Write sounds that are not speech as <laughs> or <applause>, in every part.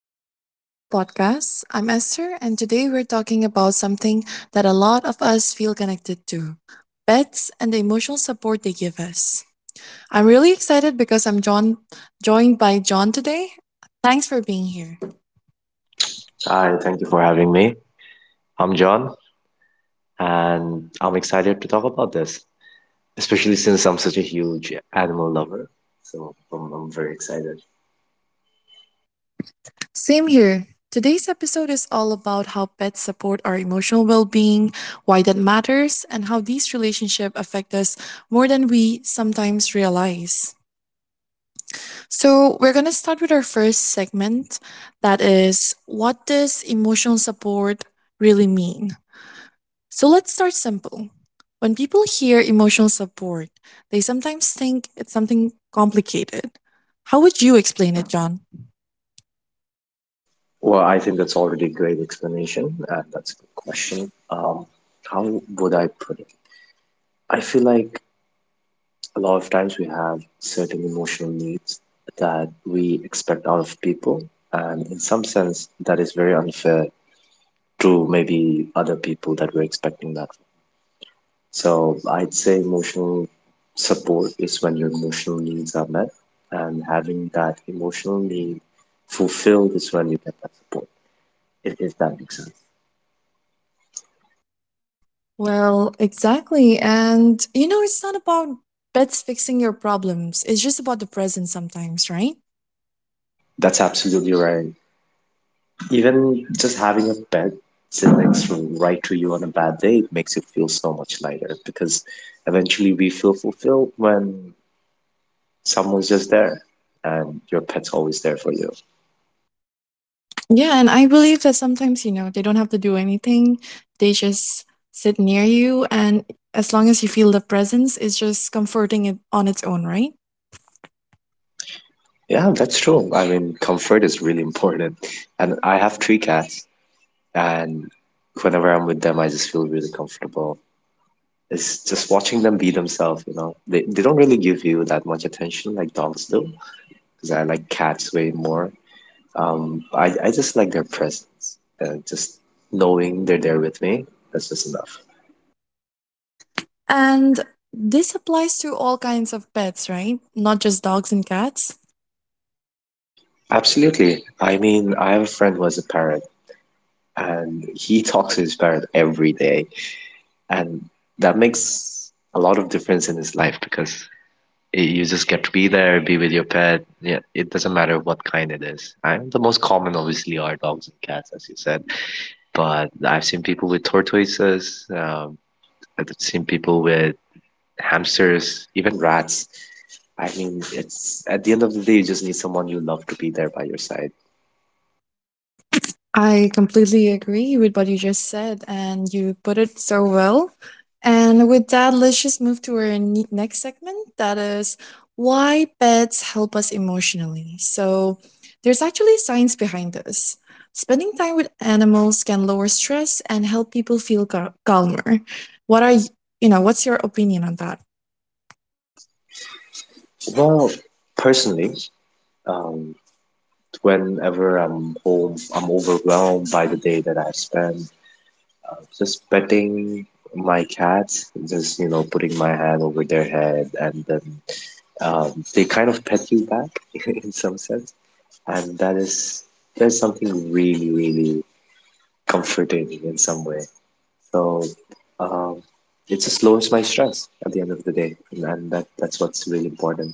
welcome back to the podcast. I'm Esther, and today we're talking about something that a lot of us feel connected to: pets and the emotional support they give us. I'm really excited because joined by John today. Thanks for being here. Hi, thank you for having me. I'm John, and I'm excited to talk about this, especially since I'm such a huge animal lover. So I'm very excited. Same here. Today's episode is all about how pets support our emotional well being, why that matters, and how these relationships affect us more than we sometimes realize. So, we're going to start with our first segment, that is, what does emotional support really mean? So, let's start simple. When people hear emotional support, they sometimes think it's something complicated. How would you explain it, John? Well, I think that's already a great explanation, and that's a good question. How would I put it? I feel like a lot of times we have certain emotional needs that we expect out of people, and in some sense, that is very unfair to maybe other people that we're expecting that. So I'd say emotional support is when your emotional needs are met, and having that emotional need fulfilled is when you get that support, if that makes sense. Well, exactly. And, you know, it's not about pets fixing your problems, it's just about the present sometimes, right? That's absolutely right. Even just having a pet right to you on a bad day, it makes you feel so much lighter, because eventually we feel fulfilled when someone's just there and your pet's always there for you. Yeah, and I believe that sometimes, you know, they don't have to do anything. They just sit near you, and as long as you feel the presence, it's just comforting it on its own, right? Yeah, that's true. I mean, comfort is really important. And I have three cats. And whenever I'm with them, I just feel really comfortable. It's just watching them be themselves, you know. They don't really give you that much attention like dogs do, because I like cats way more. I just like their presence. Just knowing they're there with me, that's just enough. And this applies to all kinds of pets, right? Not just dogs and cats. Absolutely. I mean, I have a friend who has a parrot, and he talks to his parrot every day, and that makes a lot of difference in his life because you just get to be there, be with your pet. Yeah, it doesn't matter what kind it is. I, the most common, obviously, are dogs and cats, as you said. But I've seen people with tortoises. I've seen people with hamsters, even rats. I mean, it's at the end of the day, you just need someone you love to be there by your side. I completely agree with what you just said, and you put it so well. And with that, let's just move to our next segment, that is why pets help us emotionally. So, there's actually science behind this. Spending time with animals can lower stress and help people feel calmer. What are y- you know, what's your opinion on that? Well, personally, um, whenever I'm home, I'm overwhelmed by the day that I've spent. Just petting my cats, just, you know, putting my hand over their head, and then they kind of pet you back <laughs> in some sense. And that is, there's something really, really comforting in some way. So um, it just lowers my stress at the end of the day, and, and that's what's really important.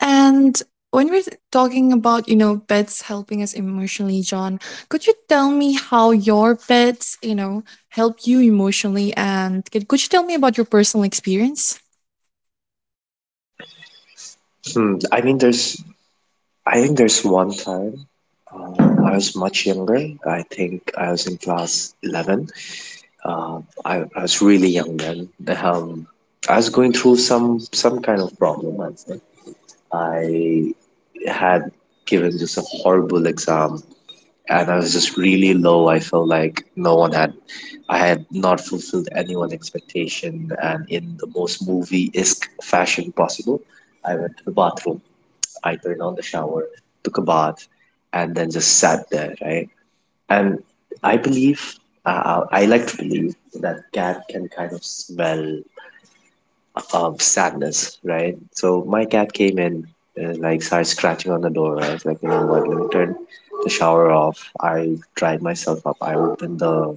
And when we're talking about, you know, pets helping us emotionally, John, could you tell me how your pets, you know, help you emotionally? And could you tell me about your personal experience? Hmm. I mean, there's I think there's one time I was much younger. I think I was in class 11. Uh, I was really young then. Um, I was going through some kind of problem. I think I had given just a horrible exam, and I was just really low. I felt like no one had, I had not fulfilled anyone's expectation, and in the most movie-esque fashion possible, I went to the bathroom. I turned on the shower, took a bath, and then just sat there. Right and I believe, I like to believe that cat can kind of smell sadness, right? So my cat came in and like started scratching on the door. I was like, you know what? Let me turn the shower off. I dried myself up. I opened the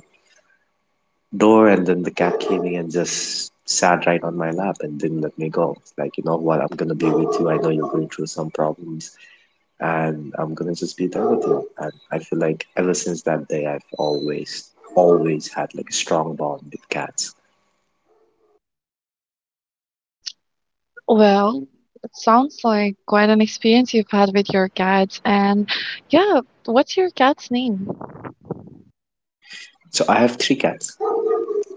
door, and then the cat came in and just sat right on my lap and didn't let me go. Like, you know what? I'm gonna be with you. I know you're going through some problems and I'm gonna just be there with you. And I feel like ever since that day, I've always, always had like a strong bond with cats. Well, it sounds like quite an experience you've had with your cats. And yeah, what's your cat's name? So I have three cats.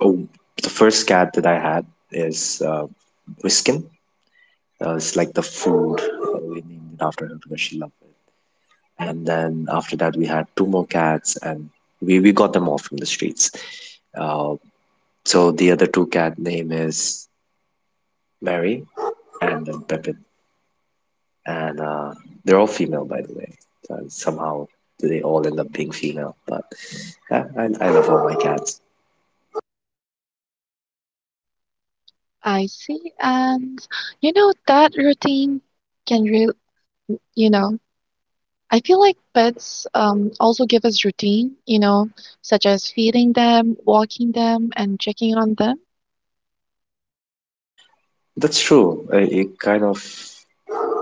Oh, the first cat that I had is Whiskin. It's like the food. We named it after her because she loved it. And then after that, we had two more cats, and we got them all from the streets. Uh, so the other two cat name is Mary and then Pepe. And they're all female, by the way. So somehow they all end up being female, but yeah, I love all my cats. I see. And you know, that routine can really, you know, I feel like pets also give us routine, you know, such as feeding them, walking them, and checking on them. That's true. It kind of,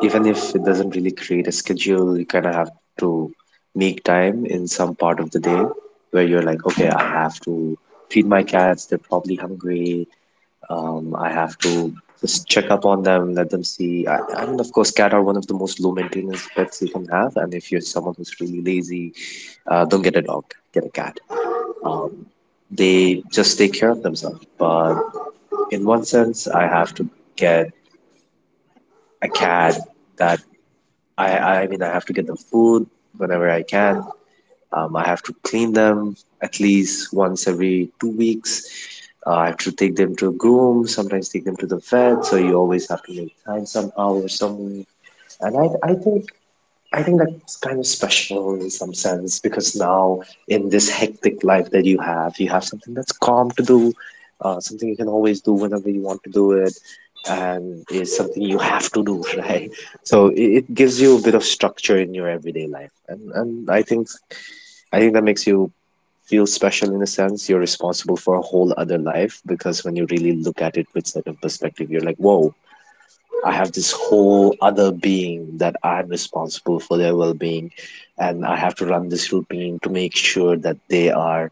even if it doesn't really create a schedule, you kind of have to make time in some part of the day where you're like, okay, I have to feed my cats. They're probably hungry. I have to just check up on them, let them see. I mean, of course, cat are one of the most low maintenance pets you can have, and if you're someone who's really lazy, don't get a dog, get a cat. Um, they just take care of themselves. But in one sense, I have to get a cat that I mean, I have to get them food whenever I can. I have to clean them at least once every 2 weeks. I have to take them to a groom, sometimes take them to the vet. So you always have to make time somehow or somewhere. And I think that's kind of special in some sense because now in this hectic life that you have something that's calm to do, something you can always do whenever you want to do it, and it's something you have to do, <laughs> right? So it gives you a bit of structure in your everyday life, and I think that makes you feel special in a sense. You're responsible for a whole other life because when you really look at it with certain perspective, you're like, whoa, I have this whole other being that I'm responsible for their well being. And I have to run this routine to make sure that they are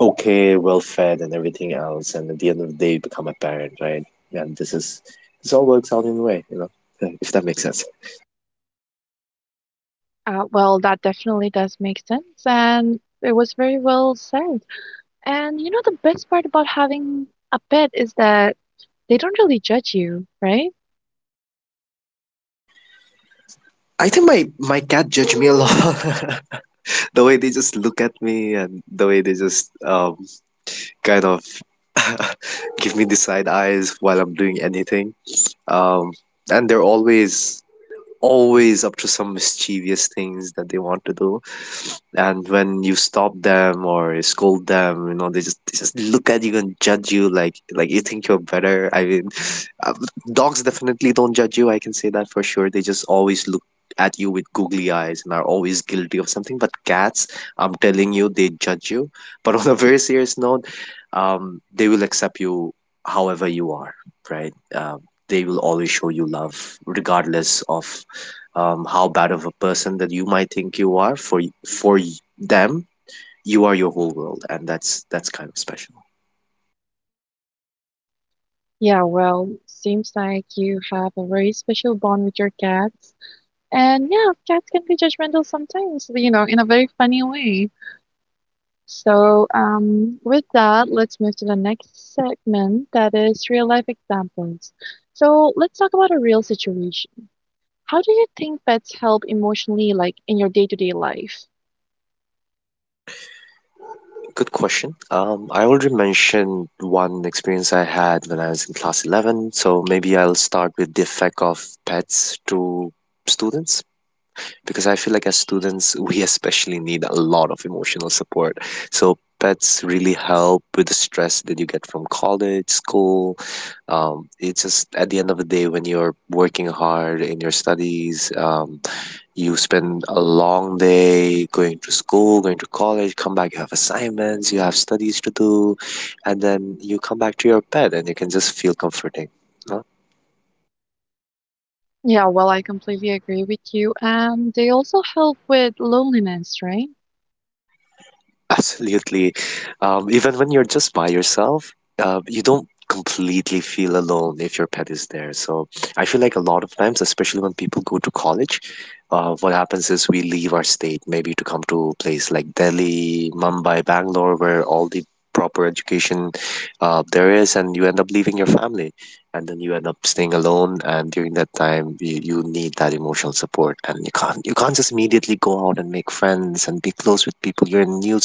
okay, well fed, and everything else. And at the end of the day, you become a parent, right? And this is, this all works out in a way, you know, <laughs> if that makes sense. Well, that definitely does make sense, and it was very well said. And you know, the best part about having a pet is that they don't really judge you, right? I think my cat judged me a lot. <laughs> The way they just look at me and the way they just kind of <laughs> give me the side eyes while I'm doing anything. Um, and they're always up to some mischievous things that they want to do, and when you stop them or scold them, you know, they just look at you and judge you, like you think you're better. I mean, uh, dogs definitely don't judge you. I can say that for sure. They just always look at you with googly eyes and are always guilty of something. But cats, I'm telling you, they judge you. But on a very serious note, they will accept you however you are, right? Um, they will always show you love regardless of, how bad of a person that you might think you are. For them you are your whole world, and that's kind of special. Yeah, well, seems like you have a very special bond with your cats. And yeah, cats can be judgmental sometimes, you know, in a very funny way. So, with that, let's move to the next segment, that is real life examples. So, let's talk about a real situation. How do you think pets help emotionally, like in your day-to-day life? Good question. I already mentioned one experience I had when I was in class 11, so maybe I'll start with the effect of pets to students, because I feel like as students, we especially need a lot of emotional support. So pets really help with the stress that you get from college, school. It's just at the end of the day when you're working hard in your studies, you spend a long day going to school, going to college, come back, you have assignments, you have studies to do, and then you come back to your pet and you can just feel comforting. Yeah, well, I completely agree with you. And they also help with loneliness, right? Absolutely. Even when you're just by yourself, you don't completely feel alone if your pet is there. So I feel like a lot of times, especially when people go to college, what happens is we leave our state maybe to come to a place like Delhi, Mumbai, Bangalore, where all the proper education there is, and you end up leaving your family. And then you end up staying alone, and during that time, you need that emotional support, and you can't just immediately go out and make friends and be close with people. You're in a new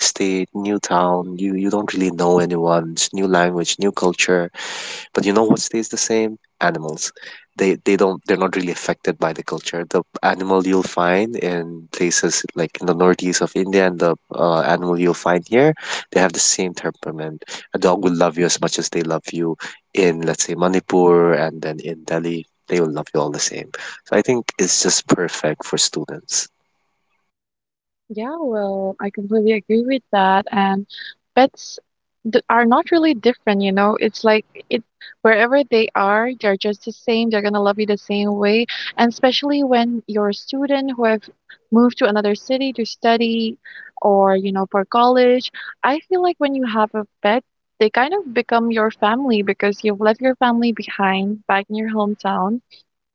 state, new town. You don't really know anyone. It's new language, new culture. But you know what stays the same? Animals. They don't they're not really affected by the culture. The animal you'll find in places like in the northeast of India and the animal you'll find here, they have the same temperament. A dog will love you as much as they love you in, let's say, Manipur and then in Delhi. They will love you all the same. So I think it's just perfect for students. Yeah, well, I completely agree with that. And pets d are not really different, you know. It's like it Wherever they are, they're just the same. They're gonna love you the same way. And especially when you're a student who have moved to another city to study or, you know, for college, I feel like when you have a pet, they kind of become your family because you've left your family behind back in your hometown,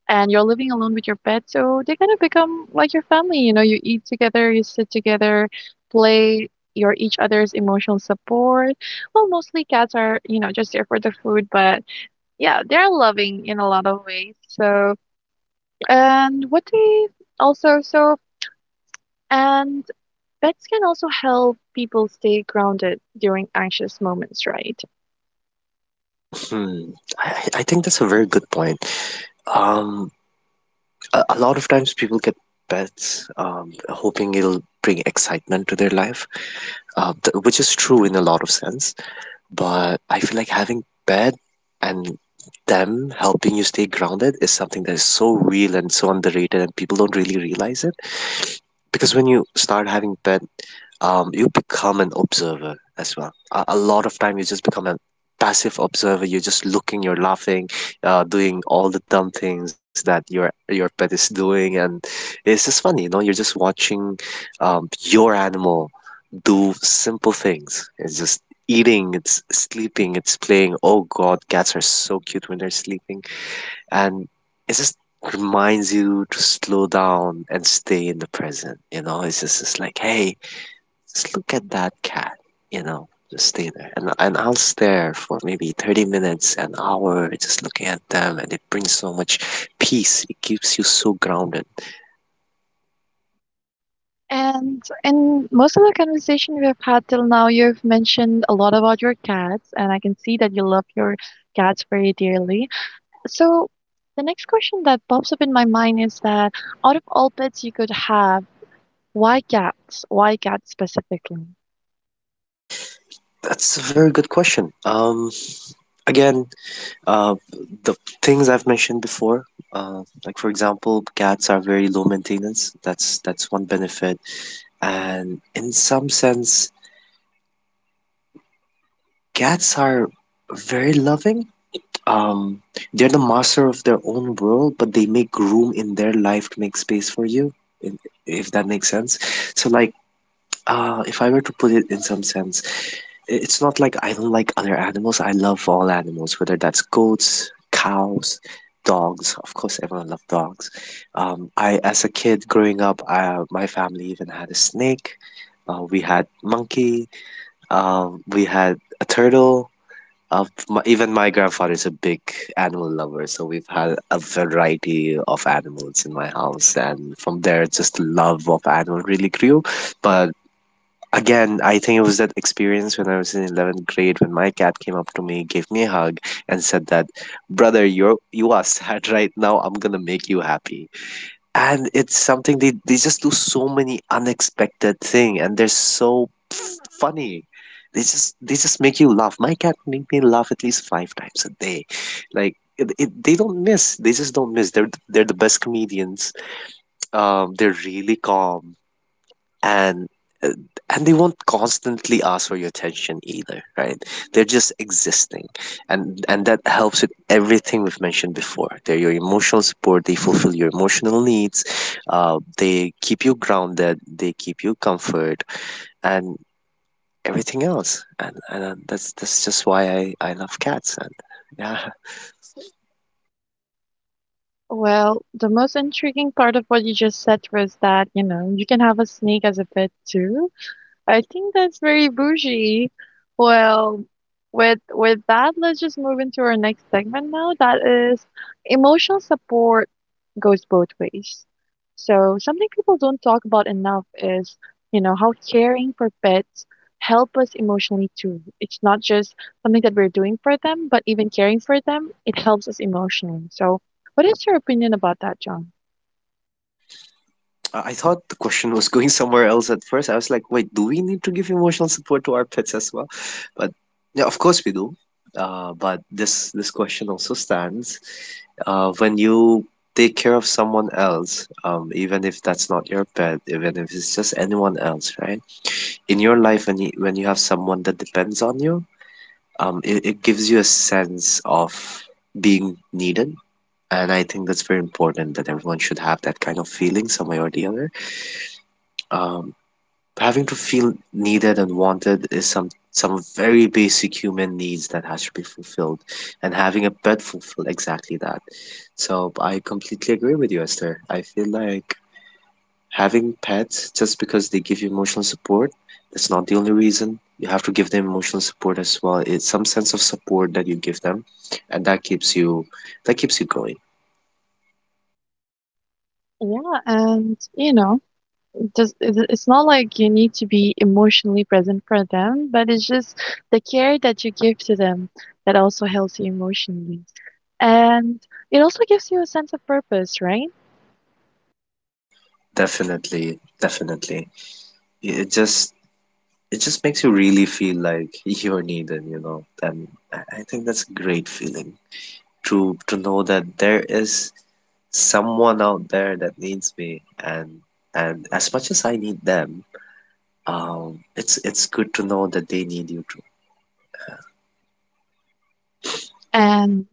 and you're living alone with your pet, so they kind of become like your family. You know, you eat together, you sit together, play. You're each other's emotional support. Well, mostly cats are, you know, just there for the food, but yeah, they're loving in a lot of ways. So, and what they also so and pets can also help people stay grounded during anxious moments, right? Hmm. I think that's a very good point. Um, a lot of times people get pets hoping it'll bring excitement to their life, which is true in a lot of sense, but I feel like having pet and them helping you stay grounded is something that is so real and so underrated, and people don't really realize it. Because when you start having pet, you become an observer as well. A lot of time, you just become a passive observer. You're just looking, you're laughing, doing all the dumb things that your pet is doing, and it's just funny, you know. You're just watching, your animal do simple things. It's just eating, it's sleeping, it's playing. Oh God, cats are so cute when they're sleeping. And it just reminds you to slow down and stay in the present. You know, it's just it's like, hey, just look at that cat. You know, just stay there. And I'll stare for maybe 30 minutes, an hour, just looking at them. And it brings so much peace. It keeps you so grounded. And in most of the conversation we've had till now, you've mentioned a lot about your cats, and I can see that you love your cats very dearly. So, the next question that pops up in my mind is that out of all pets you could have, why cats? Why cats specifically? That's a very good question. Again, Uh, the things I've mentioned before, like for example, cats are very low maintenance. That's one benefit, and in some sense, cats are very loving. Um, they're the master of their own world, but they make room in their life to make space for you. i- If that makes sense. So like if I were to put it in some sense, it's not like I don't like other animals. I love all animals, whether that's goats, cows, dogs. Of course, everyone loves dogs. I, as a kid growing up, my family even had a snake. We had monkey. We had a turtle. Even my grandfather's a big animal lover, so we've had a variety of animals in my house, and from there, just love of animal really grew. But again, I think it was that experience when I was in 11th grade when my cat came up to me, gave me a hug, and said that, "Brother, you are sad right now. I'm gonna make you happy." And it's something they just do so many unexpected thing, and they're so funny. They just make you laugh. My cat make me laugh at least 5 times a day. Like they don't miss. They just don't miss. They're the best comedians. They're really calm, and uh, and they won't constantly ask for your attention either, right? They're just existing, and that helps with everything we've mentioned before. They're your emotional support. They fulfill your emotional needs. They keep you grounded. They keep you comfort and everything else. And and uh, that's that's just why I love cats. And yeah, Well, the most intriguing part of what you just said was that, you know, you can have a snake as a pet too. I think that's very bougie. Well, with that, let's just move into our next segment now. That is emotional support goes both ways. So something people don't talk about enough is, you know, how caring for pets help us emotionally too. It's not just something that we're doing for them, but even caring for them, it helps us emotionally. So what is your opinion about that, John? I thought the question was going somewhere else at first. I was like, wait, do we need to give emotional support to our pets as well? But yeah, of course we do. But this question also stands. When you take care of someone else, even if that's not your pet, even if it's just anyone else, right? In your life, when you have someone that depends on you, it gives you a sense of being needed. And I think that's very important that everyone should have that kind of feeling some way or the other. Um, Having to feel needed and wanted is some very basic human needs that has to be fulfilled, and having a pet fulfill exactly that. So I completely agree with you, Esther. I feel like having pets just because they give you emotional support, that's not the only reason. You have to give them emotional support as well. It's some sense of support that you give them, and that keeps you going. Yeah, and you know, it's not like you need to be emotionally present for them, but it's just the care that you give to them that also helps you emotionally. And it also gives you a sense of purpose, right? Definitely, definitely. It just it just makes you really feel like <laughs> you're needed, you know. And I think that's a great feeling to know that there is someone out there that needs me, and as much as I need them, it's good to know that they need you too. And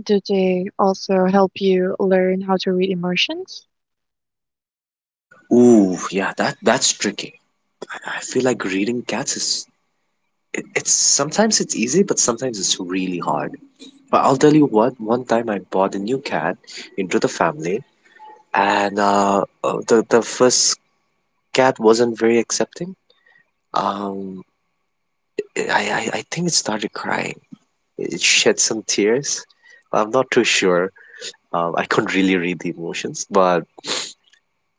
do they also help you learn how to read emotions? Ooh, yeah, that's tricky. I feel like reading cats is, it's sometimes it's easy, but sometimes it's really hard. But I'll tell you what, one time I bought a new cat into the family, and the first cat wasn't very accepting. Um, I think it started crying. It shed some tears. I'm not too sure. I couldn't really read the emotions, but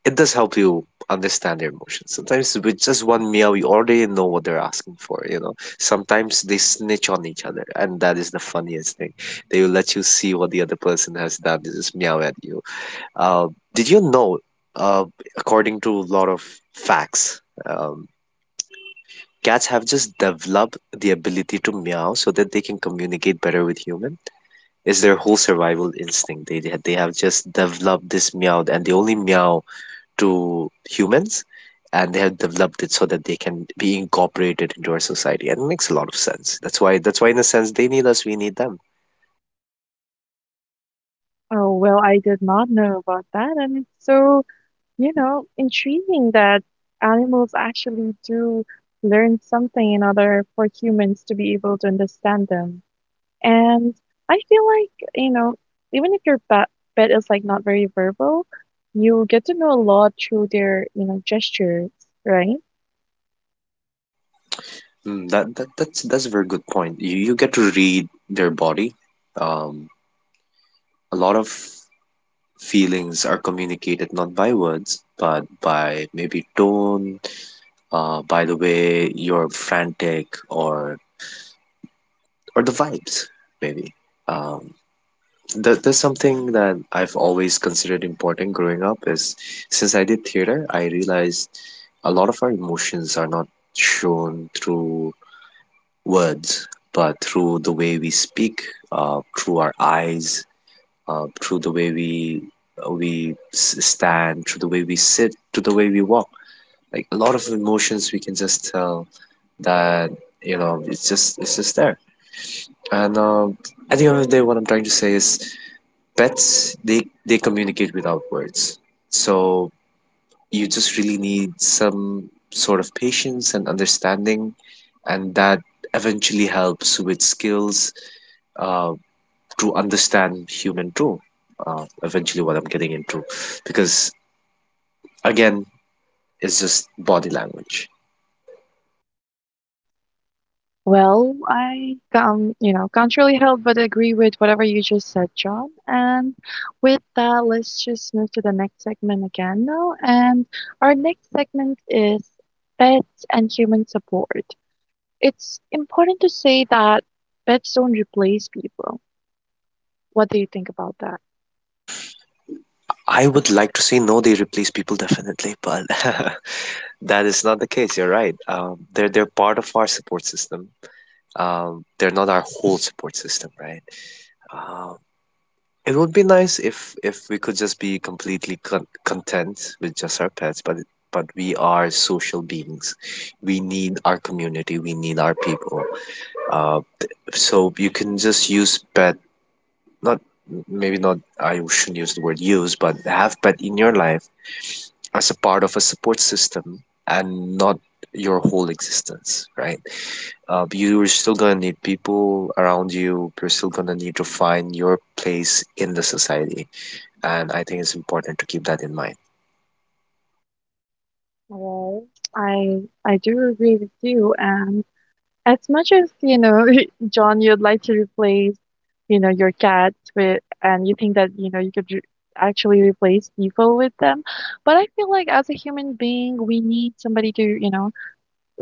it does help you understand their emotions. Sometimes with just one meow, you already know what they're asking for, you know. Sometimes they snitch on each other, and that is the funniest thing. They will let you see what the other person has done. They just meow at you. Uh, did you know, uh, according to a lot of facts, um, cats have just developed the ability to meow so that they can communicate better with human. It's their whole survival instinct. They have just developed this meow, and they only meow to humans, and they have developed it so that they can be incorporated into our society. And it makes a lot of sense. That's why in a sense, they need us, we need them. Oh, well, I did not know about that. And it's so, you know, intriguing that animals actually do learn something in order for humans to be able to understand them. And I feel like, you know, even if your ba pet is like not very verbal, you get to know a lot through their, you know, gestures, right? Mm, that's a very good point. You get to read their body. Um, a lot of feelings are communicated not by words but by maybe tone, by the way you're frantic, or the vibes maybe. um, that's something that I've always considered important growing up. Is, since I did theater, I realized a lot of our emotions are not shown through words but through the way we speak, through our eyes, through the way we stand, through the way we sit, to the way we walk. Like a lot of emotions, we can just tell that, you know, it's just there. And at the end of the day, what I'm trying to say is pets, they communicate without words. So you just really need some sort of patience and understanding, and that eventually helps with skills, uh, to understand human too, eventually, what I'm getting into, because again, it's just body language. Well, I can, you know, can't really help but agree with whatever you just said, John. And with that, let's just move to the next segment again now. And our next segment is pets and human support. It's important to say that pets don't replace people. What do you think about that? I would like to say, no, they replace people definitely, but <laughs> that is not the case. You're right. They're part of our support system. They're not our whole support system, right? Um, it would be nice if we could just be completely content with just our pets, but we are social beings. We need our community. We need our people. Uh, so you can just use pet, not maybe not. I shouldn't use the word use, but have pet in your life as a part of a support system and not your whole existence, right? You're still gonna need people around you. You're still gonna need to find your place in the society, and I think it's important to keep that in mind. Well, I do agree with you. And as much as, you know, <laughs> John, you'd like to replace, you know, your cats with, and you think that, you know, you could re actually replace people with them. But I feel like as a human being, we need somebody to, you know,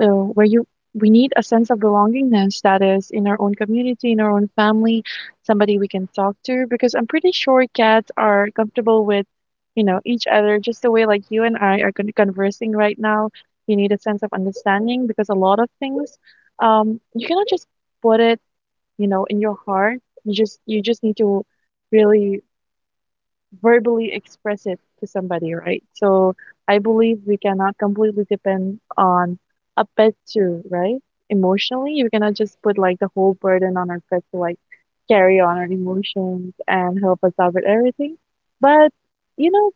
where you we need a sense of belongingness that is in our own community, in our own family, somebody we can talk to. Because I'm pretty sure cats are comfortable with, you know, each other, just the way like you and I are conversing right now. You need a sense of understanding because a lot of things, you cannot just put it, you know, in your heart. You just need to really verbally express it to somebody, right? So I believe we cannot completely depend on a pet too, right? Emotionally, you cannot just put like the whole burden on our pet to like carry on our emotions and help us out with everything. But you know,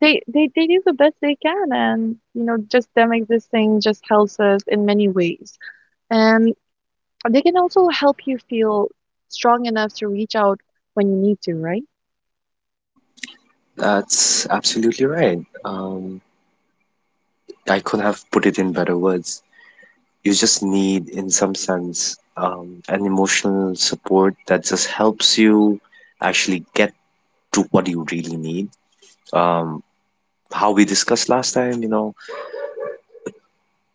they do the best they can, and you know, just them existing just helps us in many ways. And they can also help you feel strong enough to reach out when you need to, right? That's absolutely right. Um, I couldn't have put it in better words. You just need, in some sense, an emotional support that just helps you actually get to what you really need. Um, how we discussed last time, you know,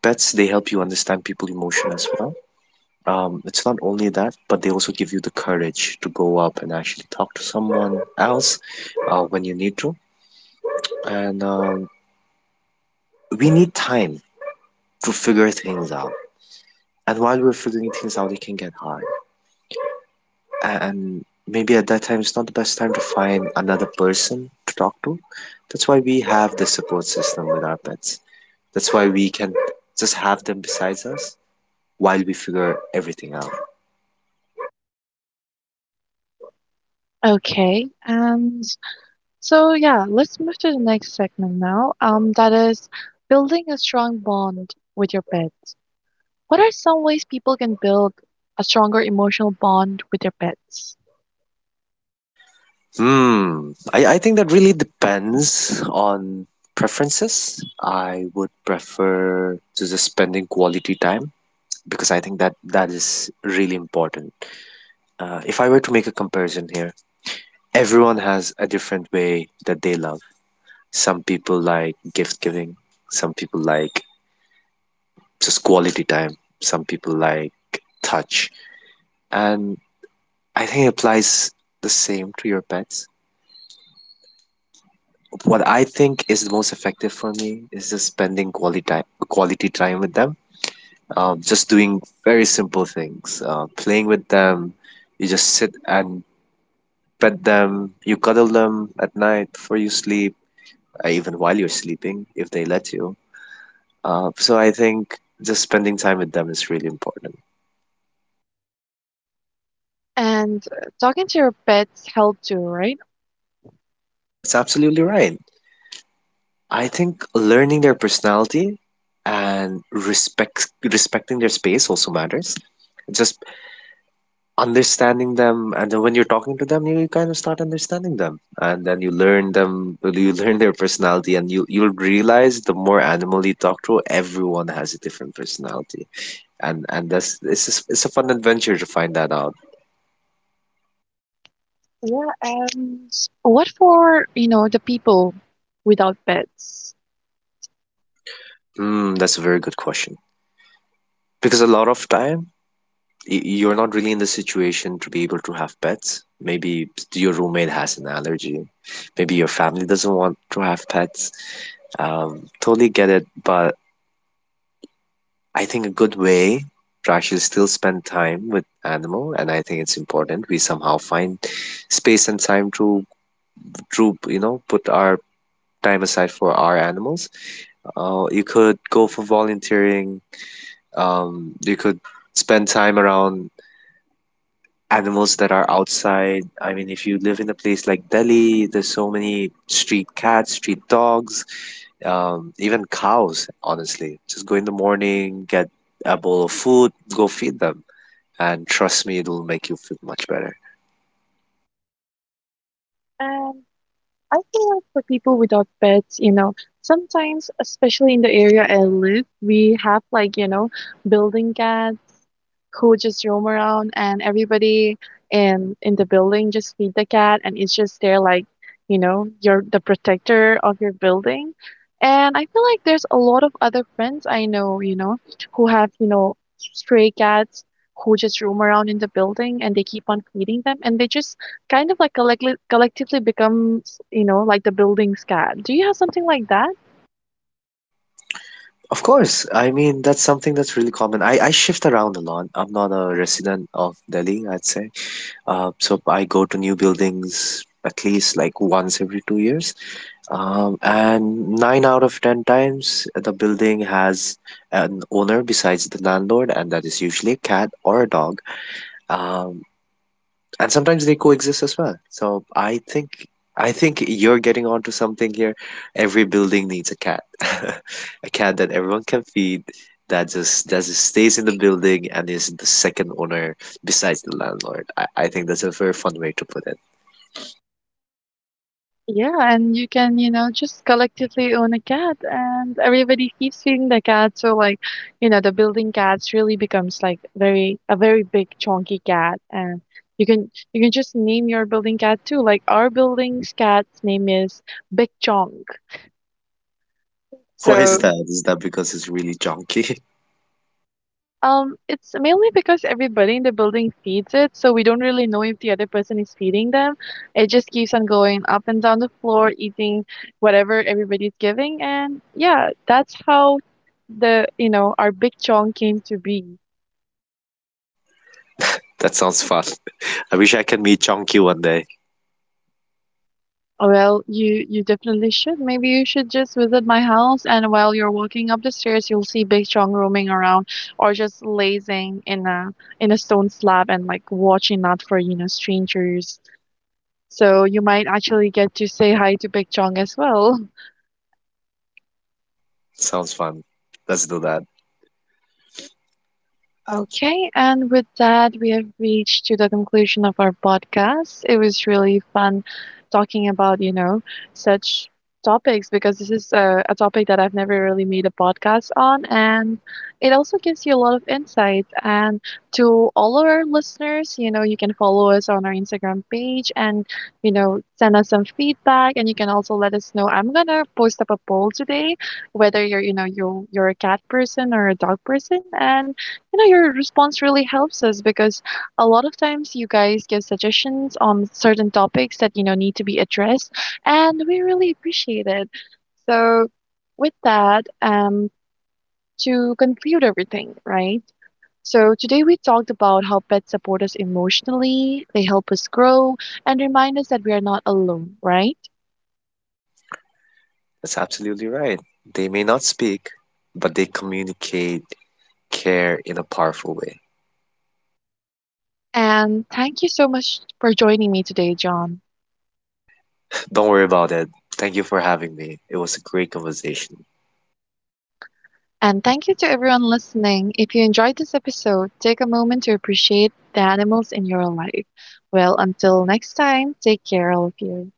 pets, they help you understand people emotion as well. It's not only that, but they also give you the courage to go up and actually talk to someone else, when you need to. And we need time to figure things out. And while we're figuring things out, it can get hard. And maybe at that time, it's not the best time to find another person to talk to. That's why we have the support system with our pets. That's why we can just have them besides us while we figure everything out. Okay. So yeah, let's move to the next segment now. That is building a strong bond with your pets. What are some ways people can build a stronger emotional bond with their pets? Hmm. I think that really depends on preferences. I would prefer to just spending quality time, because I think that that is really important. If I were to make a comparison here, everyone has a different way that they love. Some people like gift giving, some people like just quality time, some people like touch. And I think it applies the same to your pets. What I think is the most effective for me is just spending quality time with them. Just doing very simple things, playing with them. You just sit and pet them. You cuddle them at night before you sleep, even while you're sleeping, if they let you. So I think just spending time with them is really important. And talking to your pets help too, right? That's absolutely right. I think learning their personality and respecting their space also matters, just understanding them. And then when you're talking to them, you kind of start understanding them, and then you learn them, you learn their personality, and you you'll realize the more animal you talk to, everyone has a different personality. And that's, it's just, it's a fun adventure to find that out. Yeah, and what for, you know, the people without pets? Hmm, that's a very good question, because a lot of time, you're not really in the situation to be able to have pets. Maybe your roommate has an allergy, maybe your family doesn't want to have pets, totally get it. But I think a good way to actually still spend time with animal, and I think it's important we somehow find space and time to, you know, put our time aside for our animals. You could go for volunteering. You could spend time around animals that are outside. I mean, if you live in a place like Delhi, there's so many street cats, street dogs, even cows. Honestly, just go in the morning, get a bowl of food, go feed them. And trust me, it'll make you feel much better. And I feel like for people without pets, you know, sometimes, especially in the area I live, we have like, you know, building cats who just roam around, and everybody in the building just feed the cat, and it's just there. Like, you know, you're the protector of your building. And I feel like there's a lot of other friends I know, you know, who have, you know, stray cats who just roam around in the building, and they keep on feeding them, and they just kind of like collect- collectively become, you know, like the building's cat. Do you have something like that? Of course, I mean, that's something that's really common. I shift around a lot. I'm not a resident of Delhi, I'd say. So I go to new buildings at least like once every 2 years. And nine out of 10 times, the building has an owner besides the landlord, and that is usually a cat or a dog. Um, and sometimes they coexist as well. So I think you're getting onto something here. Every building needs a cat, <laughs> a cat that everyone can feed, that just stays in the building and is the second owner besides the landlord. I think that's a very fun way to put it. Yeah, and you can, you know, just collectively own a cat and everybody keeps feeding the cat. So like, you know, the building cats really becomes like very big chunky cat, and you can just name your building cat too. Like our building's cat's name is Big Chonk. Why? So is So So that? Is that because it's really chunky? <laughs> It's mainly because everybody in the building feeds it, so we don't really know if the other person is feeding them. It just keeps on going up and down the floor, eating whatever everybody's giving, and yeah, that's how the, you know, our Big Chong came to be. That sounds fun. I wish I can meet Chunky one day. Well, you definitely should. Maybe you should just visit my house, and while you're walking up the stairs, you'll see Big Chong roaming around, or just lazing in a stone slab and like watching out for, you know, strangers. So you might actually get to say hi to Big Chong as well. Sounds fun. Let's do that. Okay. Okay, and with that, we have reached to the conclusion of our podcast. It was really fun talking about, you know, such topics, because this is a topic that I've never really made a podcast on, and it also gives you a lot of insight. And to all of our listeners, you know, you can follow us on our Instagram page and, you know, send us some feedback, and you can also let us know. I'm gonna post up a poll today, whether you're, you know, you you're a cat person or a dog person, and you know your response really helps us because a lot of times you guys give suggestions on certain topics that you know need to be addressed, and we really appreciate it. So with that, to conclude everything, right, so today we talked about how pets support us emotionally, they help us grow, and remind us that we are not alone, right? That's absolutely right. They may not speak, but they communicate care in a powerful way. And thank you so much for joining me today, John. Don't worry about it. Thank you for having me. It was a great conversation. And thank you to everyone listening. If you enjoyed this episode, take a moment to appreciate the animals in your life. Well, until next time, take care, all of you.